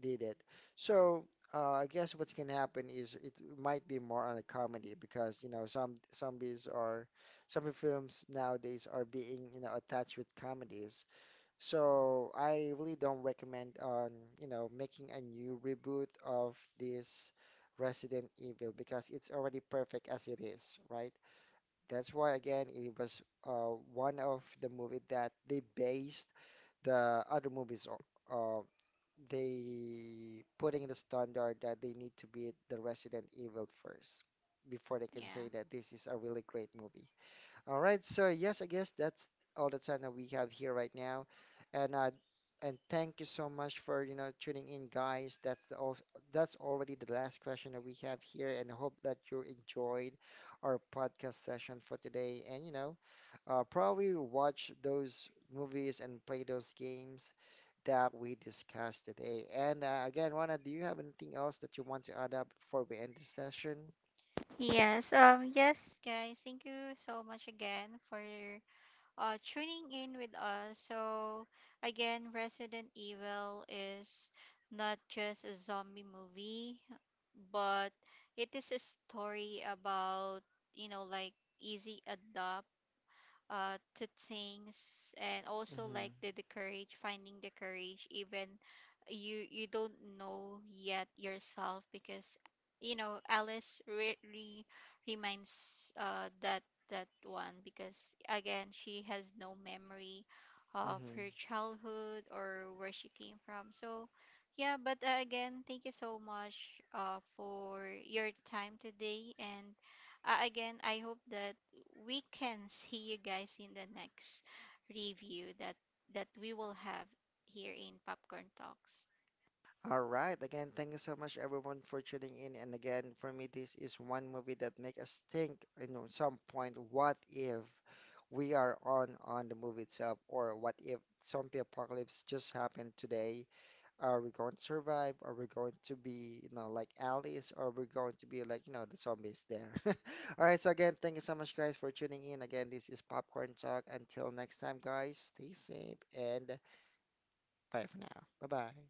S1: did it. So I guess what's gonna happen is it might be more on a comedy because you know some films nowadays are being you know attached with comedies. So I really don't recommend on, you know, making a new reboot of this Resident Evil because it's already perfect as it is, right? That's why again it was one of the movie that they based the other movies on. Uh, they putting the standard that they need to beat the Resident Evil first before they can say
S2: Yeah.
S1: that this is a really great movie. All right, so yes, I guess that's all the time that we have here right now, and thank you so much for you know tuning in, guys. That's already the last question that we have here, and hope that you enjoyed our podcast session for today. And you know, probably watch those movies and play those games that we discussed today. And again, Rana, do you have anything else that you want to add up before we end this session?
S2: Yes. Yes guys, thank you so much again for tuning in with us. So, again, Resident Evil is not just a zombie movie, but it is a story about, you know, like easy adopt to things, and also
S1: Mm-hmm.
S2: like the courage, finding the courage even you you don't know yet yourself, because you know Alice really reminds that that one, because again she has no memory of
S1: Mm-hmm.
S2: her childhood or where she came from. So yeah, but again thank you so much for your time today, and again, I hope that we can see you guys in the next review that that we will have here in Popcorn Talks.
S1: All right. Again, thank you so much everyone for tuning in. And again, for me, this is one movie that make us think, you know, some point, what if we are on the movie itself, or what if zombie apocalypse just happened today? Are we going to survive? Are we going to be, you know, like Alice, or are we going to be like, you know, the zombies there? [LAUGHS] All right. So again, thank you so much, guys, for tuning in. Again, this is Popcorn Talk. Until next time, guys, stay safe and bye for now. Bye bye.